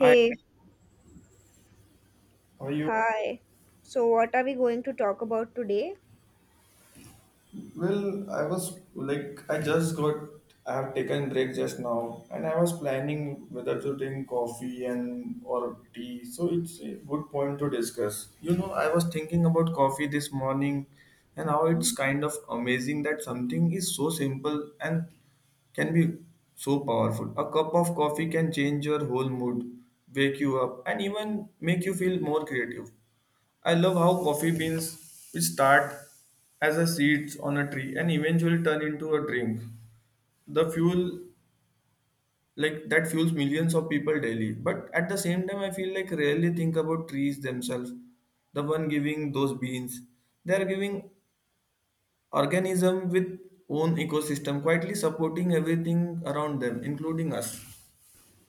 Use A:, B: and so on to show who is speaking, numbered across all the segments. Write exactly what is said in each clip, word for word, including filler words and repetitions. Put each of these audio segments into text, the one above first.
A: Hi, how are you?
B: hi. So, what are we going to talk about today?
A: Well, I was like, I just got, I have taken break just now, and I was planning whether to drink coffee and or tea. So it's a good point to discuss. You know, I was thinking about coffee this morning, and how it's kind of amazing that something is so simple and can be so powerful. A cup of coffee can change your whole mood, wake you up, and even make you feel more creative. I love how coffee beans, which start as a seeds on a tree and eventually turn into a drink, the fuel like that fuels millions of people daily. But at the same time, I feel like rarely think about trees themselves, the one giving those beans. They are giving organism with own ecosystem, quietly supporting everything around them, including us.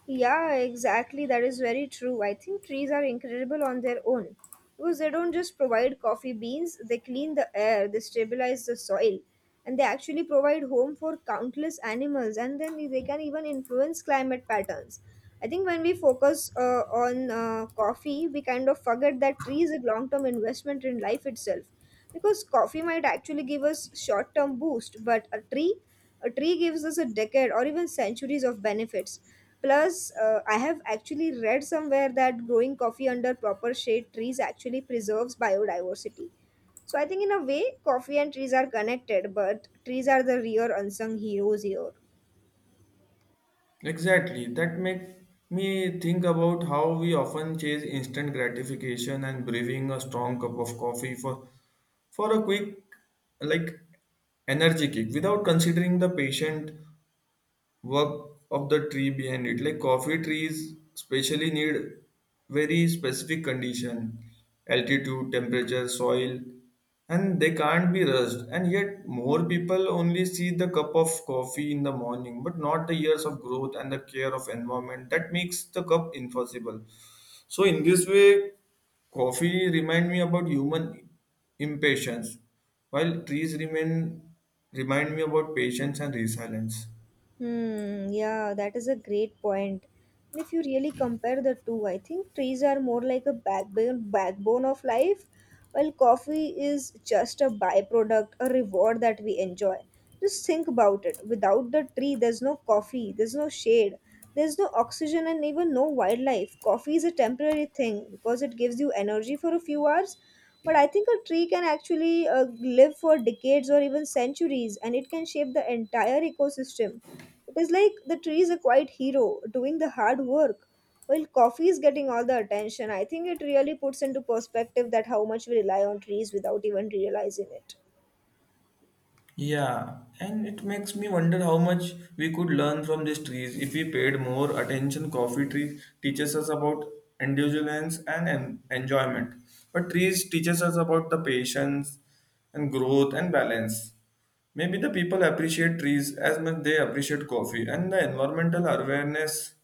B: Yeah, exactly. That is very true. I think trees are incredible on their own because they don't just provide coffee beans, they clean the air, they stabilize the soil, and they actually provide home for countless animals. And then they can even influence climate patterns. I think when we focus uh, on uh, coffee, we kind of forget that trees is a long term investment in life itself because coffee might actually give us short term boost, but a tree a tree gives us a decade or even centuries of benefits. Plus, uh, I have actually read somewhere that growing coffee under proper shade trees actually preserves biodiversity. So I think in a way, coffee and trees are connected, but trees are the real unsung heroes here.
A: Exactly. That make me think about how we often chase instant gratification and brewing a strong cup of coffee for for a quick like energy kick without considering the patient work of the tree behind it, like coffee trees especially need very specific condition, altitude, temperature, soil, and they can't be rushed. And yet more people only see the cup of coffee in the morning but not the years of growth and the care of environment that makes the cup impossible. So in this way, coffee remind me about human impatience, while trees remain remind me about patience and resilience.
B: Hmm, yeah, that is a great point. And if you really compare the two, I think trees are more like a backbone backbone of life, while coffee is just a byproduct, a reward that we enjoy. Just think about it. Without the tree, there's no coffee, there's no shade, there's no oxygen and even no wildlife. Coffee is a temporary thing because it gives you energy for a few hours. But I think a tree can actually uh, live for decades or even centuries and it can shape the entire ecosystem. It is like the tree is a quiet hero doing the hard work. While coffee is getting all the attention, I think it really puts into perspective that how much we rely on trees without even realizing it.
A: Yeah, and it makes me wonder how much we could learn from these trees if we paid more attention. Coffee trees teaches us about indulgence and en- enjoyment, but trees teaches us about the patience and growth and balance. Maybe the people appreciate trees as much they appreciate coffee, and the environmental awareness.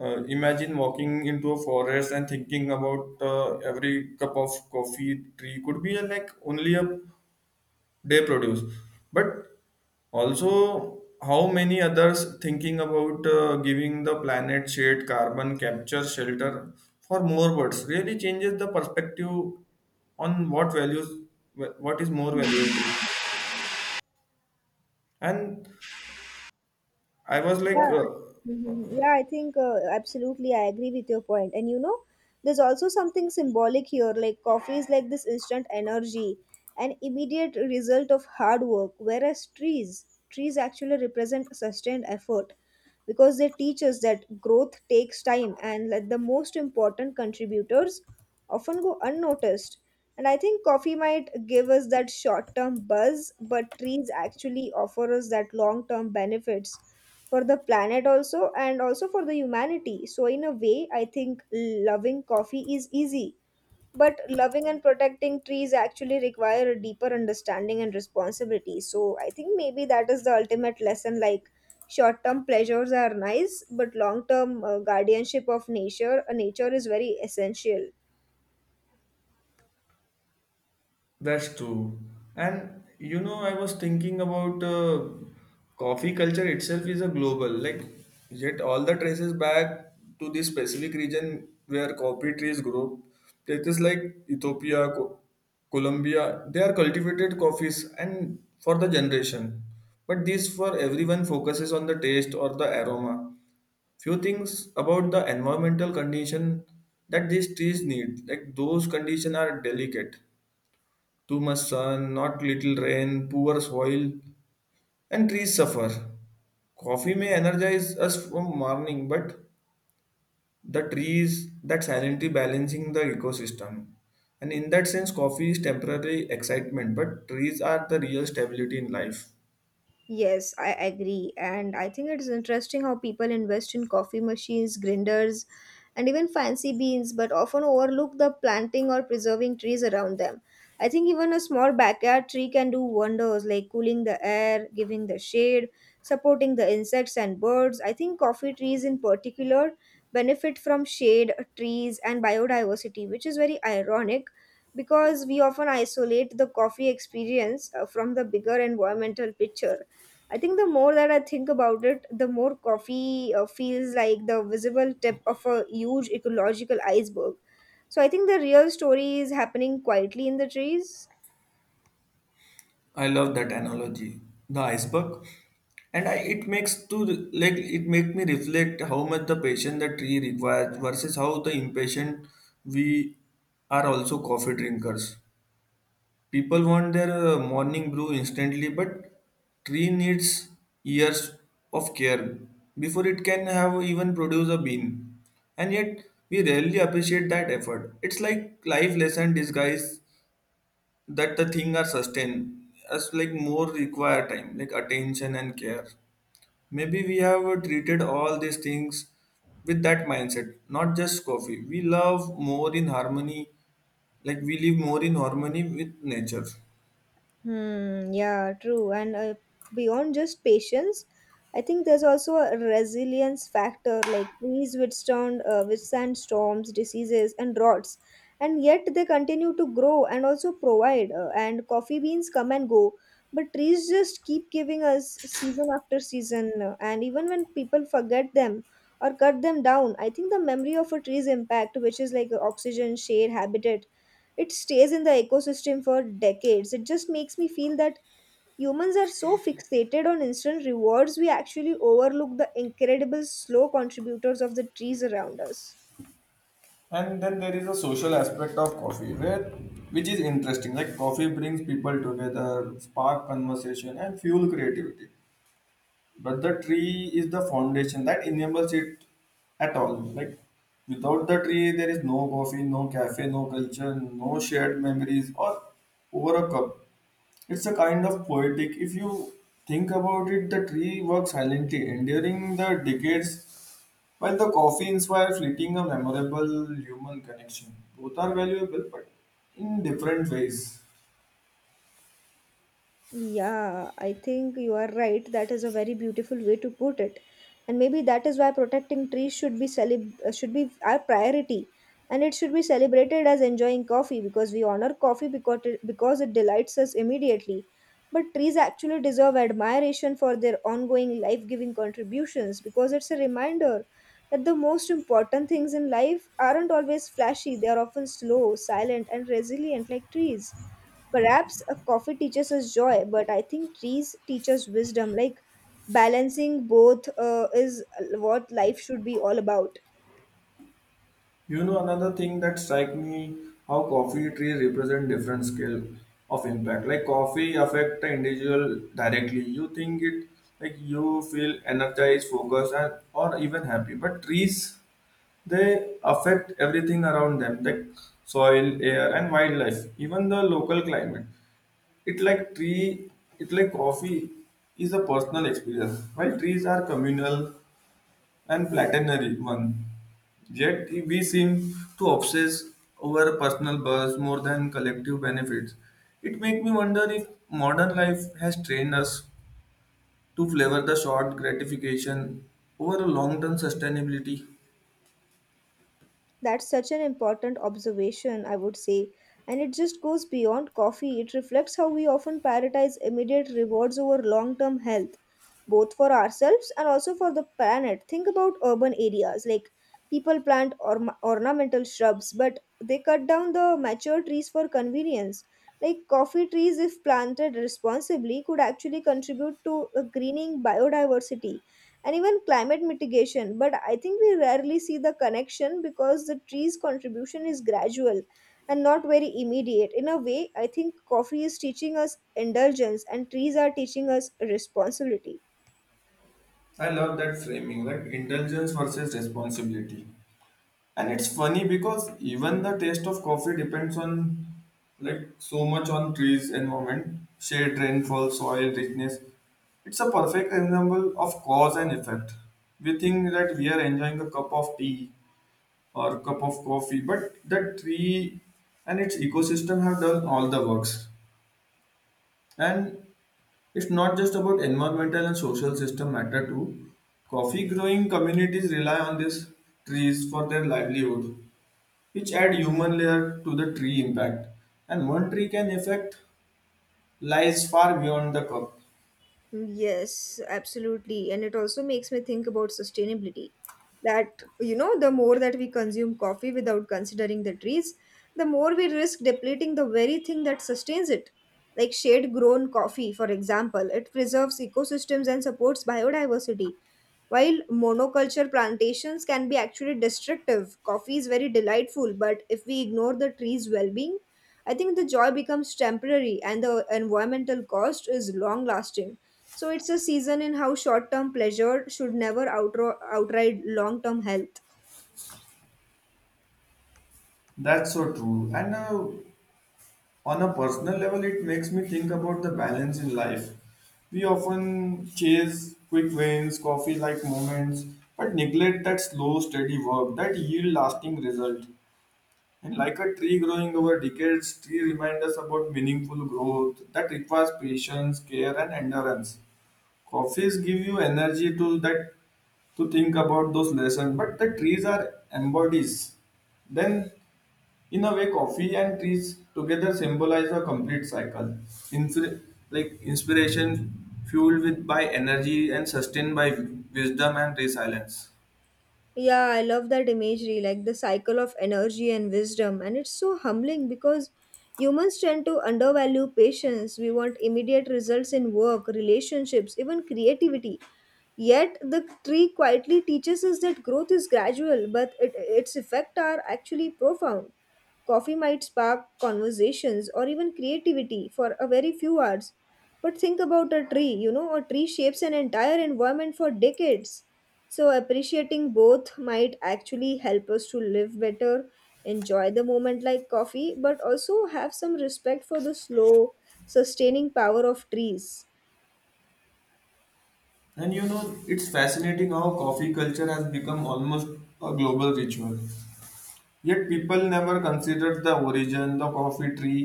A: Uh, imagine walking into a forest and thinking about uh, every cup of coffee tree could be uh, like only a day produce, but also, how many others thinking about uh, giving the planet shade, carbon capture, shelter for more birds really changes the perspective on what values, what is more valuable. And I was like,
B: Yeah.
A: uh,
B: Mhm. Yeah, I think uh, absolutely I agree with your point. And you know, there's also something symbolic here. Like coffee is like this instant energy, an immediate result of hard work, whereas trees, trees actually represent sustained effort because they teach us that growth takes time and that the most important contributors often go unnoticed. And I think coffee might give us that short term buzz, but trees actually offer us that long term benefits for the planet also and also for the humanity. So, in a way, I think loving coffee is easy but loving and protecting trees actually require a deeper understanding and responsibility. So I think maybe that is the ultimate lesson, like short term pleasures are nice but long term uh, guardianship of nature uh, nature is very essential.
A: that's true. And you know, I was thinking about uh, coffee culture itself is a global, like, yet all the traces back to the specific region where coffee trees grow. Places like Ethiopia, Co- Colombia, they are cultivated coffees and for the generation. But this for everyone focuses on the taste or the aroma. Few things about the environmental condition that these trees need, like those conditions are delicate, too much sun, not little rain, poor soil, and trees suffer. Coffee may energize us from morning, but the trees that silently balancing the ecosystem. And in that sense, coffee is temporary excitement, but trees are the real stability in life.
B: Yes, I agree. And I think it's interesting how people invest in coffee machines, grinders, and even fancy beans, but often overlook the planting or preserving trees around them. I think even a small backyard tree can do wonders like cooling the air, giving the shade, supporting the insects and birds. I think coffee trees in particular benefit from shade, trees, and biodiversity, which is very ironic because we often isolate the coffee experience uh, from the bigger environmental picture. I think the more that I think about it, the more coffee uh, feels like the visible tip of a huge ecological iceberg. So I think the real story is happening quietly in the trees.
A: I love that analogy, the iceberg, and I, it makes to re- like it make me reflect how much the patience the tree requires versus how the impatient we are also coffee drinkers. People want their uh, morning brew instantly, but tree needs years of care before it can have even produce a bean. And yet we rarely appreciate that effort. It's like life lesson disguise that the thing are sustained as like more require time, like attention and care. Maybe we have uh, treated all these things with that mindset, not just coffee. We love more in harmony, like we live more in harmony with nature.
B: Hmm, yeah, true. And uh, beyond just patience, I think there's also a resilience factor. Like trees withstand uh, withstand storms, diseases, and droughts, and yet they continue to grow and also provide. Uh, and coffee beans come and go, but trees just keep giving us season after season. uh, And even when people forget them or cut them down, I think the memory of a tree's impact, which is like oxygen, shade, habitat, it stays in the ecosystem for decades. It just makes me feel that humans are so fixated on instant rewards, we actually overlook the incredible slow contributors of the trees around us.
A: And then there is a social aspect of coffee, where which is interesting. Like coffee brings people together, spark conversation, and fuel creativity. But the tree is the foundation that enables it at all. Like without the tree, there is no coffee, no cafe, no culture, no shared memories, or over a cup. It's a kind of poetic. If you think about it, the tree works silently, enduring the decades while the coffee inspires fleeting a memorable human connection, both are valuable but in different ways.
B: Yeah, I think you are right. That is a very beautiful way to put it. And maybe that is why protecting trees should be celeb- uh, should be our priority. And it should be celebrated as enjoying coffee because we honor coffee because it, because it delights us immediately. But trees actually deserve admiration for their ongoing life-giving contributions because it's a reminder that the most important things in life aren't always flashy. They are often slow, silent, and resilient like trees. Perhaps a coffee teaches us joy, but I think trees teach us wisdom. Like balancing both uh, is what life should be all about.
A: You know, another thing that strikes me how coffee trees represent different scale of impact. Like coffee affect the individual directly. You think it like you feel energized, focused, and or even happy. But trees they affect everything around them, like soil, air, and wildlife, even the local climate. It like tree, it like coffee is a personal experience, while trees are communal and platinary one. Yet we seem to obsess over personal buzz more than collective benefits. It makes me wonder if modern life has trained us to flavor the short gratification over a long-term sustainability.
B: That's such an important observation, I would say. And it just goes beyond coffee. It reflects how we often prioritize immediate rewards over long term health, both for ourselves and also for the planet. Think about urban areas, like people plant orm ornamental shrubs, but they cut down the mature trees for convenience. Like coffee trees, if planted responsibly, could actually contribute to a greening biodiversity and even climate mitigation. But I think we rarely see the connection because the tree's contribution is gradual and not very immediate. In a way, I think coffee is teaching us indulgence and trees are teaching us responsibility.
A: I love that framing, like indulgence versus responsibility. And it's funny because even the taste of coffee depends on like so much on trees, environment, shade, rainfall, soil, richness. It's a perfect example of cause and effect. We think that we are enjoying a cup of tea or cup of coffee, but the tree and its ecosystem have done all the works. And it's not just about environmental and social system matter too. Coffee growing communities rely on these trees for their livelihood which add human layer to the tree impact. And one tree can affect lies far beyond the cup.
B: Yes, absolutely. And it also makes me think about sustainability. That, you know, the more that we consume coffee without considering the trees, the more we risk depleting the very thing that sustains it. Like shade grown coffee, for example, it preserves ecosystems and supports biodiversity. While monoculture plantations can be actually destructive, coffee is very delightful, but if we ignore the tree's well being, I think the joy becomes temporary and the environmental cost is long lasting. So it's a season in how short term pleasure should never outro- outride long term health.
A: That's so true. And uh, on a personal level, it makes me think about the balance in life. We often chase quick wins, coffee-like moments, but neglect that slow, steady work that yield lasting result. And like a tree growing over decades, tree remind us about meaningful growth that requires patience, care, and endurance. Coffees give you energy to that to think about those lessons, but the trees are embodies. Then in a way coffee and trees together symbolize a complete cycle, Infi- like inspiration fueled with by energy and sustained by wisdom and resilience.
B: Yeah, I love that imagery, like the cycle of energy and wisdom. And it's so humbling because humans tend to undervalue patience. We want immediate results in work, relationships, even creativity. Yet the tree quietly teaches us that growth is gradual, but it, its effects are actually profound. Coffee might spark conversations or even creativity for a very few hours. But think about a tree, you know, a tree shapes an entire environment for decades. So, appreciating both might actually help us to live better, enjoy the moment like coffee, but also have some respect for the slow, sustaining power of trees.
A: And you know, it's fascinating how coffee culture has become almost a global ritual, yet people never considered the origin the coffee tree.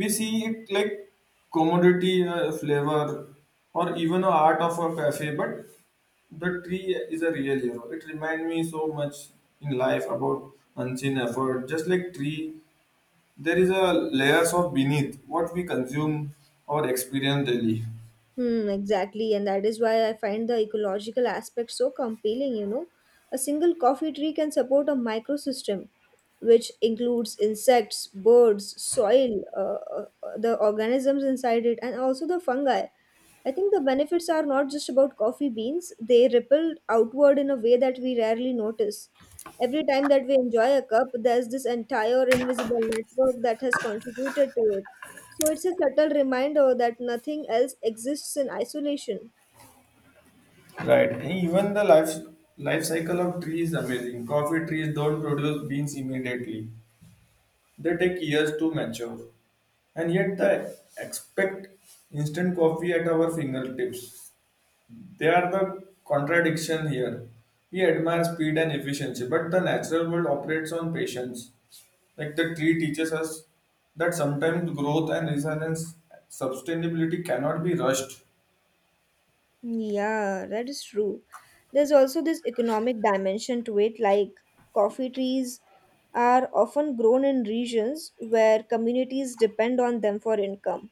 A: We see it like commodity, a flavor, or even a art of a cafe, but the tree is a real hero. It reminds me so much in life about unseen effort. Just like tree, there is a layers of beneath what we consume or experience daily.
B: Hmm, exactly, and that is why I find the ecological aspect so compelling, you know. A single coffee tree can support a microsystem, which includes insects, birds, soil, uh, uh, uh, the organisms inside it, and also the fungi. I think the benefits are not just about coffee beans, they ripple outward in a way that we rarely notice. Every time that we enjoy a cup, there's this entire invisible network that has contributed to it. So it's a subtle reminder that nothing else exists in isolation.
A: Right. And even the life life cycle of tree is amazing. Coffee trees don't produce beans immediately. They take years to mature, and yet they expect instant coffee at our fingertips. They are the contradiction here. We admire speed and efficiency, but the natural world operates on patience. Like the tree teaches us that sometimes growth and resilience, sustainability cannot be rushed.
B: Yeah, that is true. There's also this economic dimension to it, like coffee trees are often grown in regions where communities depend on them for income.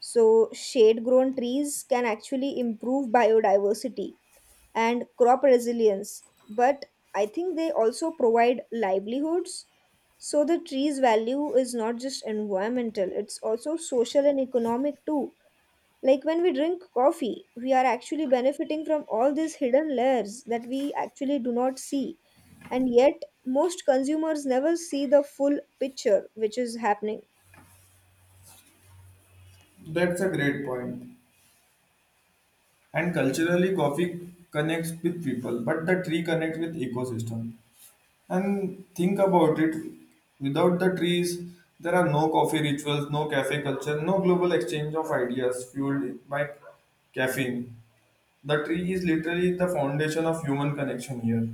B: So, shade grown trees can actually improve biodiversity and crop resilience, but I think they also provide livelihoods. So the tree's value is not just environmental, it's also social and economic too. Like when we drink coffee, we are actually benefiting from all these hidden layers that we actually do not see. And yet, most consumers never see the full picture which is happening.
A: That's a great point. And culturally, coffee connects with people, but the tree connects with ecosystem. And think about it, without the trees, there are no coffee rituals, no cafe culture, no global exchange of ideas fueled by caffeine. The tree is literally the foundation of human connection here.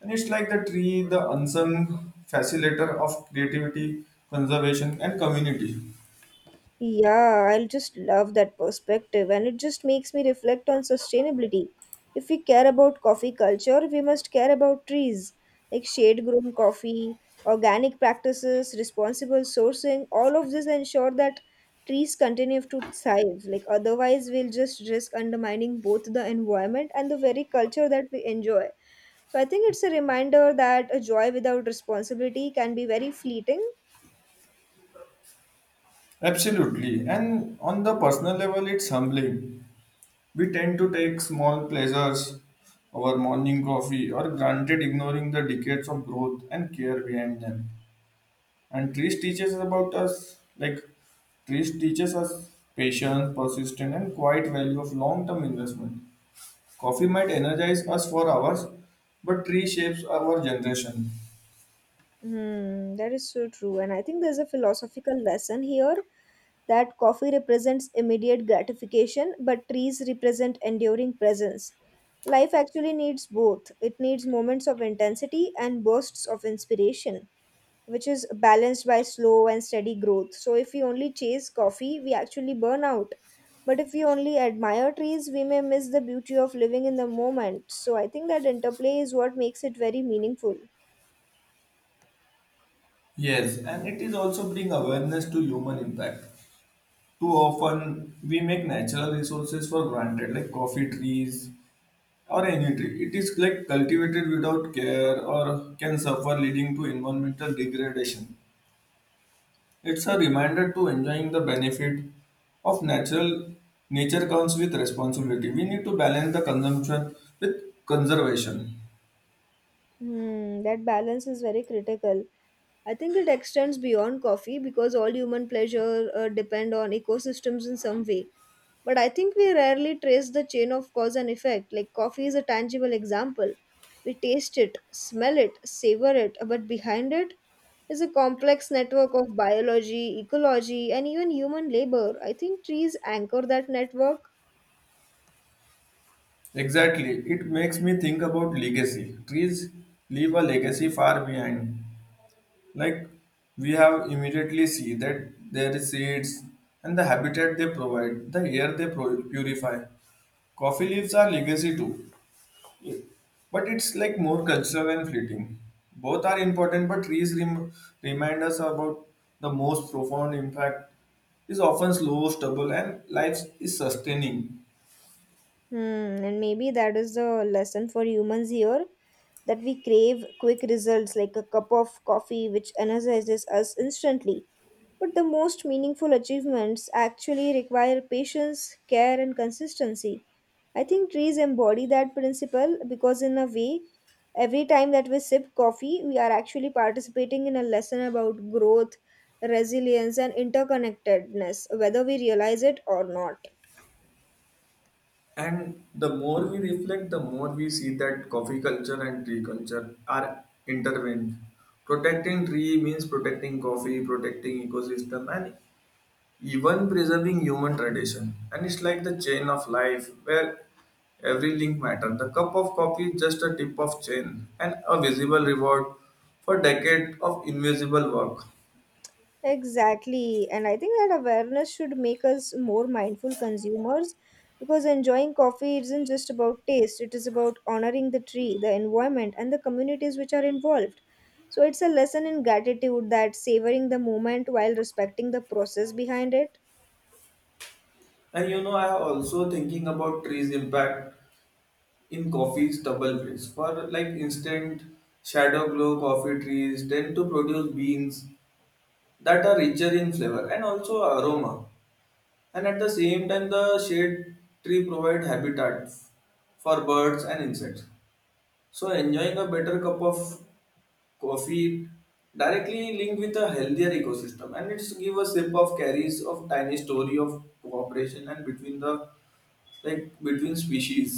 A: And it's like the tree, the unsung facilitator of creativity, conservation, and community.
B: Yeah, I'll just love that perspective, and it just makes me reflect on sustainability. If we care about coffee culture, we must care about trees, like shade grown coffee, organic practices, responsible sourcing. All of this ensure that trees continue to thrive. Like, otherwise, we'll just risk undermining both the environment and the very culture that we enjoy. So, I think it's a reminder that a joy without responsibility can be very fleeting.
A: Absolutely. And on the personal level, it's humbling. We tend to take small pleasures, our morning coffee, or granted ignoring the decades of growth and care behind them. And trees teaches us about us, like trees teaches us patience, persistence, and quiet value of long-term investment. Coffee might energize us for hours, but tree shapes our generation.
B: Hmm, that is so true. And I think there's a philosophical lesson here that coffee represents immediate gratification, but trees represent enduring presence. Life actually needs both. It needs moments of intensity and bursts of inspiration, which is balanced by slow and steady growth. So if we only chase coffee, we actually burn out. But if we only admire trees, we may miss the beauty of living in the moment. So I think that interplay is what makes it very meaningful.
A: Yes, and it is also bring awareness to human impact. Too often we make natural resources for granted, like coffee trees, or energy. It is like cultivated without care or can suffer leading to environmental degradation. It's a reminder to enjoying the benefit of natural nature comes with responsibility. We need to balance the consumption with conservation.
B: Hmm, that balance is very critical. I think it extends beyond coffee because all human pleasure uh, depend on ecosystems in some way. But I think we rarely trace the chain of cause and effect. Like coffee is a tangible example. We taste it, smell it, savor it, but behind it is a complex network of biology, ecology, and even human labor. I think trees anchor that network.
A: Exactly. It makes me think about legacy. Trees leave a legacy far behind. Like we have immediately see that their seeds and the habitat they provide, the air they pro- purify. Coffee leaves are legacy too, but it's like more cultural and fleeting. Both are important, but trees rem- remind us about the most profound impact is often slow, stubble, and life is sustaining.
B: Hmm, and maybe that is the lesson for humans here that we crave quick results like a cup of coffee which energizes us instantly. But the most meaningful achievements actually require patience, care, and consistency. I think trees embody that principle because, in a way, every time that we sip coffee, we are actually participating in a lesson about growth, resilience, and interconnectedness, whether we realize it or not.
A: And the more we reflect, the more we see that coffee culture and tree culture are intertwined. Protecting tree means protecting coffee, protecting ecosystem, and even preserving human tradition. And it's like the chain of life where every link matters. The cup of coffee is just a tip of chain and a visible reward for decades of invisible work.
B: Exactly. And I think that awareness should make us more mindful consumers because enjoying coffee isn't just about taste, it is about honoring the tree, the environment, and the communities which are involved. So it's a lesson in gratitude that savoring the moment while respecting the process behind it.
A: And you know, I am also thinking about trees impact in coffee's double blades for like instant shadow glow, coffee trees tend to produce beans that are richer in flavor and also aroma, and at the same time the shade tree provide habitat for birds and insects, so enjoying a better cup of coffee directly linked with a healthier ecosystem, and it's give a sip of carries of tiny story of cooperation and between the like between species.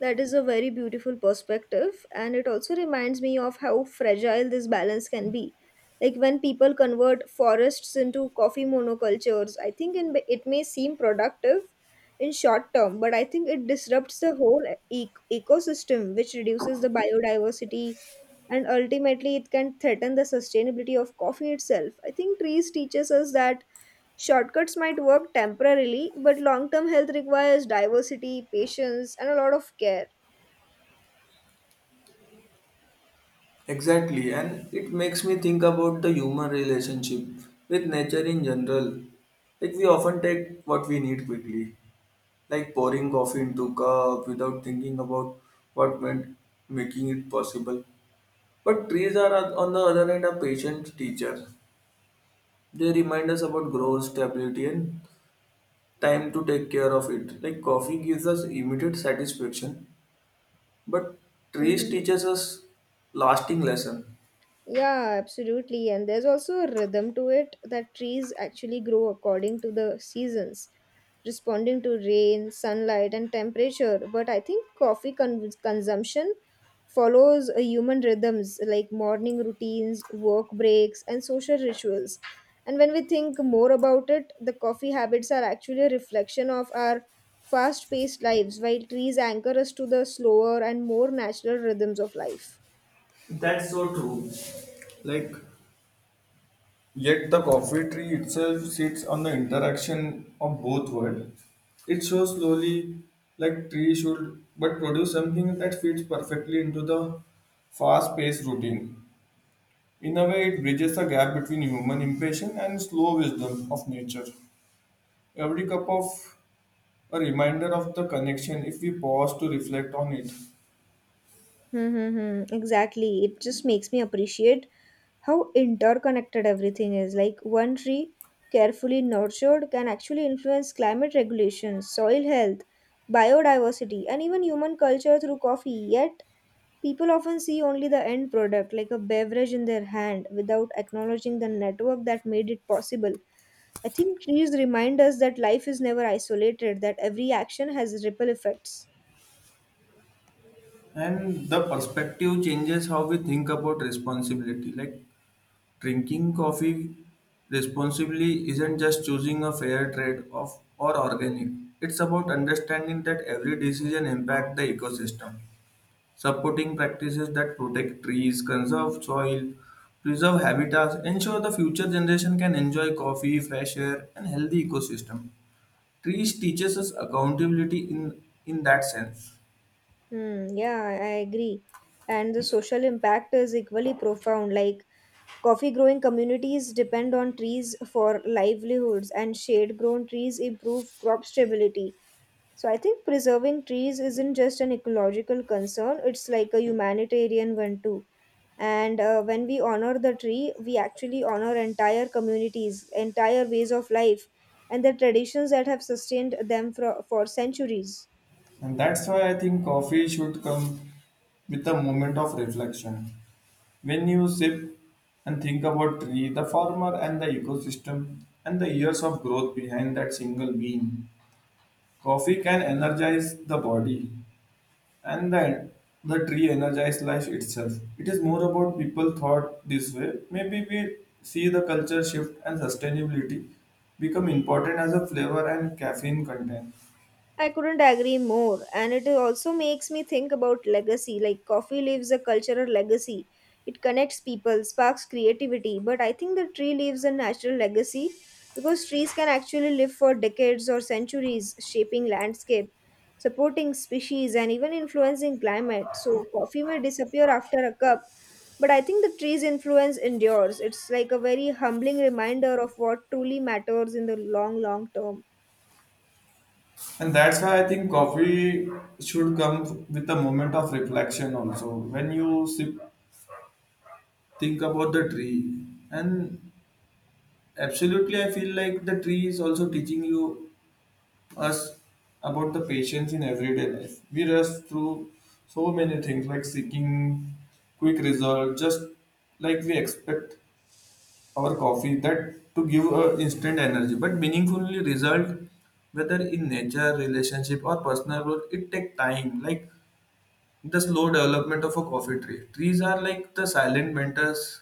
B: That is a very beautiful perspective, and it also reminds me of how fragile this balance can be. Like when people convert forests into coffee monocultures, I think in, it may seem productive in short term, but I think it disrupts the whole e- ecosystem, which reduces the biodiversity, and ultimately it can threaten the sustainability of coffee itself. I think trees teaches us that shortcuts might work temporarily, but long-term health requires diversity, patience, and a lot of care.
A: Exactly, and it makes me think about the human relationship with nature in general. Like we often take what we need quickly, like pouring coffee into cup without thinking about what went making it possible. But trees are on the other hand a patient teacher. They remind us about growth, stability, and time to take care of it. Like coffee gives us immediate satisfaction, but trees
B: Mm-hmm.
A: teaches us lasting lesson.
B: Yeah, absolutely. And there's also a rhythm to it that trees actually grow according to the seasons, responding to rain, sunlight, and temperature. But I think coffee con- consumption follows a human rhythms like morning routines, work breaks, and social rituals. And when we think more about it, the coffee habits are actually a reflection of our fast paced lives, while trees anchor us to the slower and more natural rhythms of life.
A: That's so true. Like, yet the coffee tree itself sits on the interaction of both worlds. It shows slowly, like tree should, but produce something that fits perfectly into the fast-paced routine. In a way, it bridges the gap between human impatience and slow wisdom of nature. Every cup of a reminder of the connection if we pause to reflect on it.
B: Mm-hmm. Exactly. It just makes me appreciate how interconnected everything is. Like one tree carefully nurtured can actually influence climate regulations, soil health, biodiversity, and even human culture through coffee. Yet people often see only the end product, like a beverage in their hand, without acknowledging the network that made it possible. I think trees remind us that life is never isolated, that every action has ripple effects.
A: And the perspective changes how we think about responsibility. Like, drinking coffee responsibly isn't just choosing a fair trade of or organic. It's about understanding that every decision impacts the ecosystem, supporting practices that protect trees, conserve soil, preserve habitats, ensure the future generation can enjoy coffee, fresh air, and healthy ecosystem. Trees teaches us accountability in in that sense.
B: Hmm, yeah, I I agree. And the social impact is equally profound. Like coffee growing communities depend on trees for livelihoods, and shade grown trees improve crop stability. So I think preserving trees isn't just an ecological concern, it's like a humanitarian one too. And uh, when we honor the tree, we actually honor entire communities, entire ways of life, and the traditions that have sustained them for, for centuries.
A: And that's why I think coffee should come with a moment of reflection. When you sip and think about tree, the farmer and the ecosystem and the years of growth behind that single bean, coffee can energize the body and then the tree energize life itself. It is more about people thought this way. Maybe we see the culture shift and sustainability become important as a flavor and caffeine content.
B: I couldn't agree more. And it also makes me think about legacy. Like, coffee leaves a cultural legacy. It connects people, sparks creativity. But I think the tree leaves a natural legacy because trees can actually live for decades or centuries, shaping landscape, supporting species, and even influencing climate. So, coffee may disappear after a cup. But I think the tree's influence endures. It's like a very humbling reminder of what truly matters in the long, long term.
A: And that's why I think coffee should come with a moment of reflection also. When you sip think about the tree and absolutely I feel like the tree is also teaching you us about the patience in everyday life we rush through so many things like seeking quick result just like we expect our coffee that to give a instant energy but meaningfully result whether in nature relationship or personal growth it take time like the slow development of a coffee tree. Trees are like the silent mentors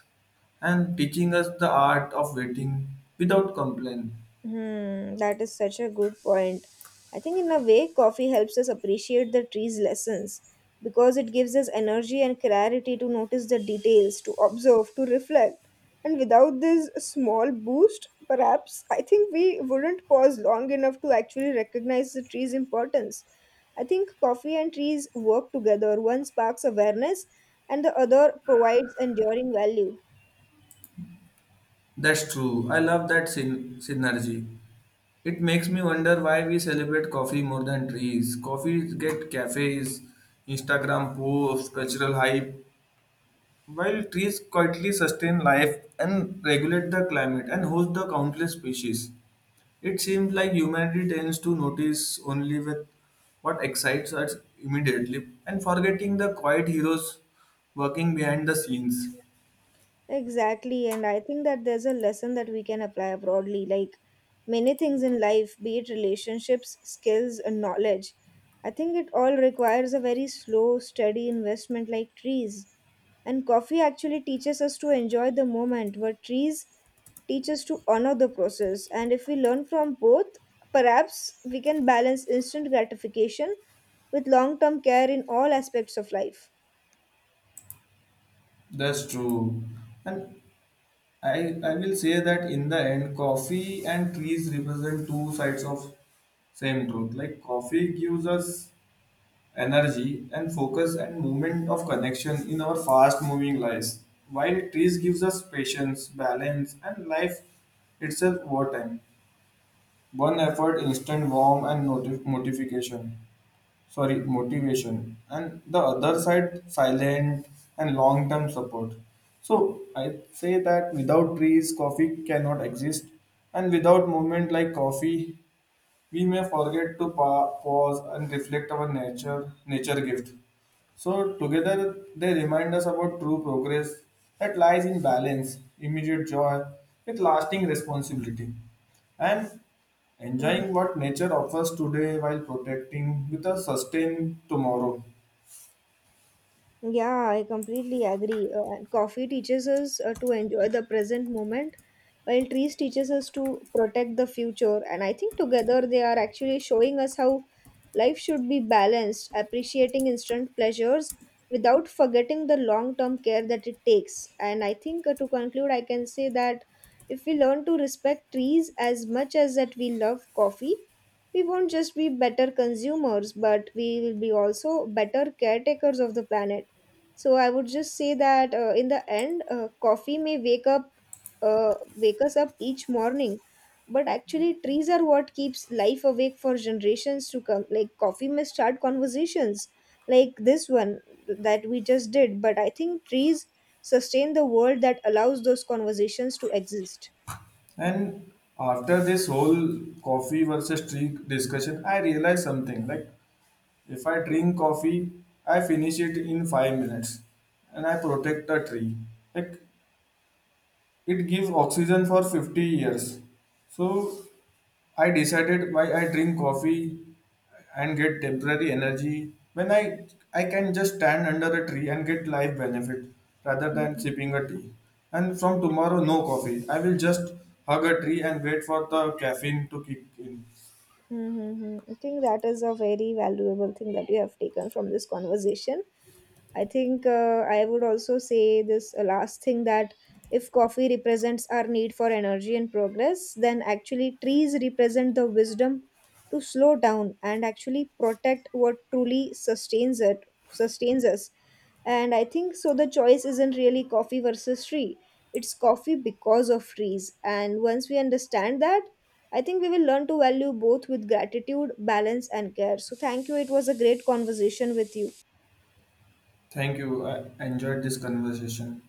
A: and teaching us the art of waiting without complaint.
B: Hmm, that is such a good point. I think in a way, coffee helps us appreciate the tree's lessons because it gives us energy and clarity to notice the details, to observe, to reflect. And without this small boost, perhaps I think we wouldn't pause long enough to actually recognize the tree's importance. I think coffee and trees work together. One sparks awareness, and the other provides enduring value.
A: That's true. I love that syn- synergy. It makes me wonder why we celebrate coffee more than trees. Coffees get cafes, Instagram posts, cultural hype, while trees quietly sustain life and regulate the climate and host the countless species. It seems like humanity tends to notice only with what excites us immediately and forgetting the quiet heroes working behind the scenes.
B: Exactly, and I think that there's a lesson that we can apply broadly. Like many things in life, be it relationships, skills, and knowledge, I think it all requires a very slow, steady investment, like trees. And coffee actually teaches us to enjoy the moment, but trees teach us to honor the process. And if we learn from both, perhaps we can balance instant gratification with long term care in all aspects of life.
A: That's true. And I, I will say that in the end, coffee and trees represent two sides of same truth. Like coffee gives us energy and focus and movement of connection in our fast moving lives, while trees gives us patience, balance, and life itself over time. One effort instant warm and noti notification, sorry, motivation, and the other side silent and long term support. So I say that without trees, coffee cannot exist, and without movement like coffee, we may forget to pa- pause and reflect our nature nature gift. So together they remind us about true progress that lies in balance, immediate joy with lasting responsibility and
B: Mhm.
A: enjoying what nature offers today while protecting with a sustain tomorrow.
B: Yeah, I completely agree. Uh, and coffee teaches us uh, to enjoy the present moment, while trees teaches us to protect the future. And I think together they are actually showing us how life should be balanced, appreciating instant pleasures without forgetting the long-term care that it takes. And I think uh, to conclude, I can say that if we learn to respect trees as much as that we love coffee, we won't just be better consumers, but we will be also better caretakers of the planet. So I would just say that uh, in the end, uh, coffee may wake up, uh, wake us up each morning, but actually trees are what keeps life awake for generations to come. Like coffee may start conversations, like this one that we just did, but I think trees sustain the world that allows those conversations to exist.
A: And after this whole coffee versus tea discussion, I realized something like if I drink coffee, I finish it in five minutes and I protect a tree. Like it gives oxygen for fifty years. So I decided why I drink coffee and get temporary energy when I I can just stand under a tree and get life benefit rather than sipping a tea. And from tomorrow, no coffee. I will just hug a tree and wait for the caffeine to kick in.
B: Mm-hmm. I think that is a very valuable thing that you have taken from this conversation. I think uh, I would also say this uh, last thing that if coffee represents our need for energy and progress, then actually trees represent the wisdom to slow down and actually protect what truly sustains it, sustains us, and I think so the choice isn't really coffee versus tree, it's coffee because of trees. And once we understand that, I think we will learn to value both with gratitude, balance and care. So thank you, it was a great conversation with you.
A: Thank you. I enjoyed this conversation.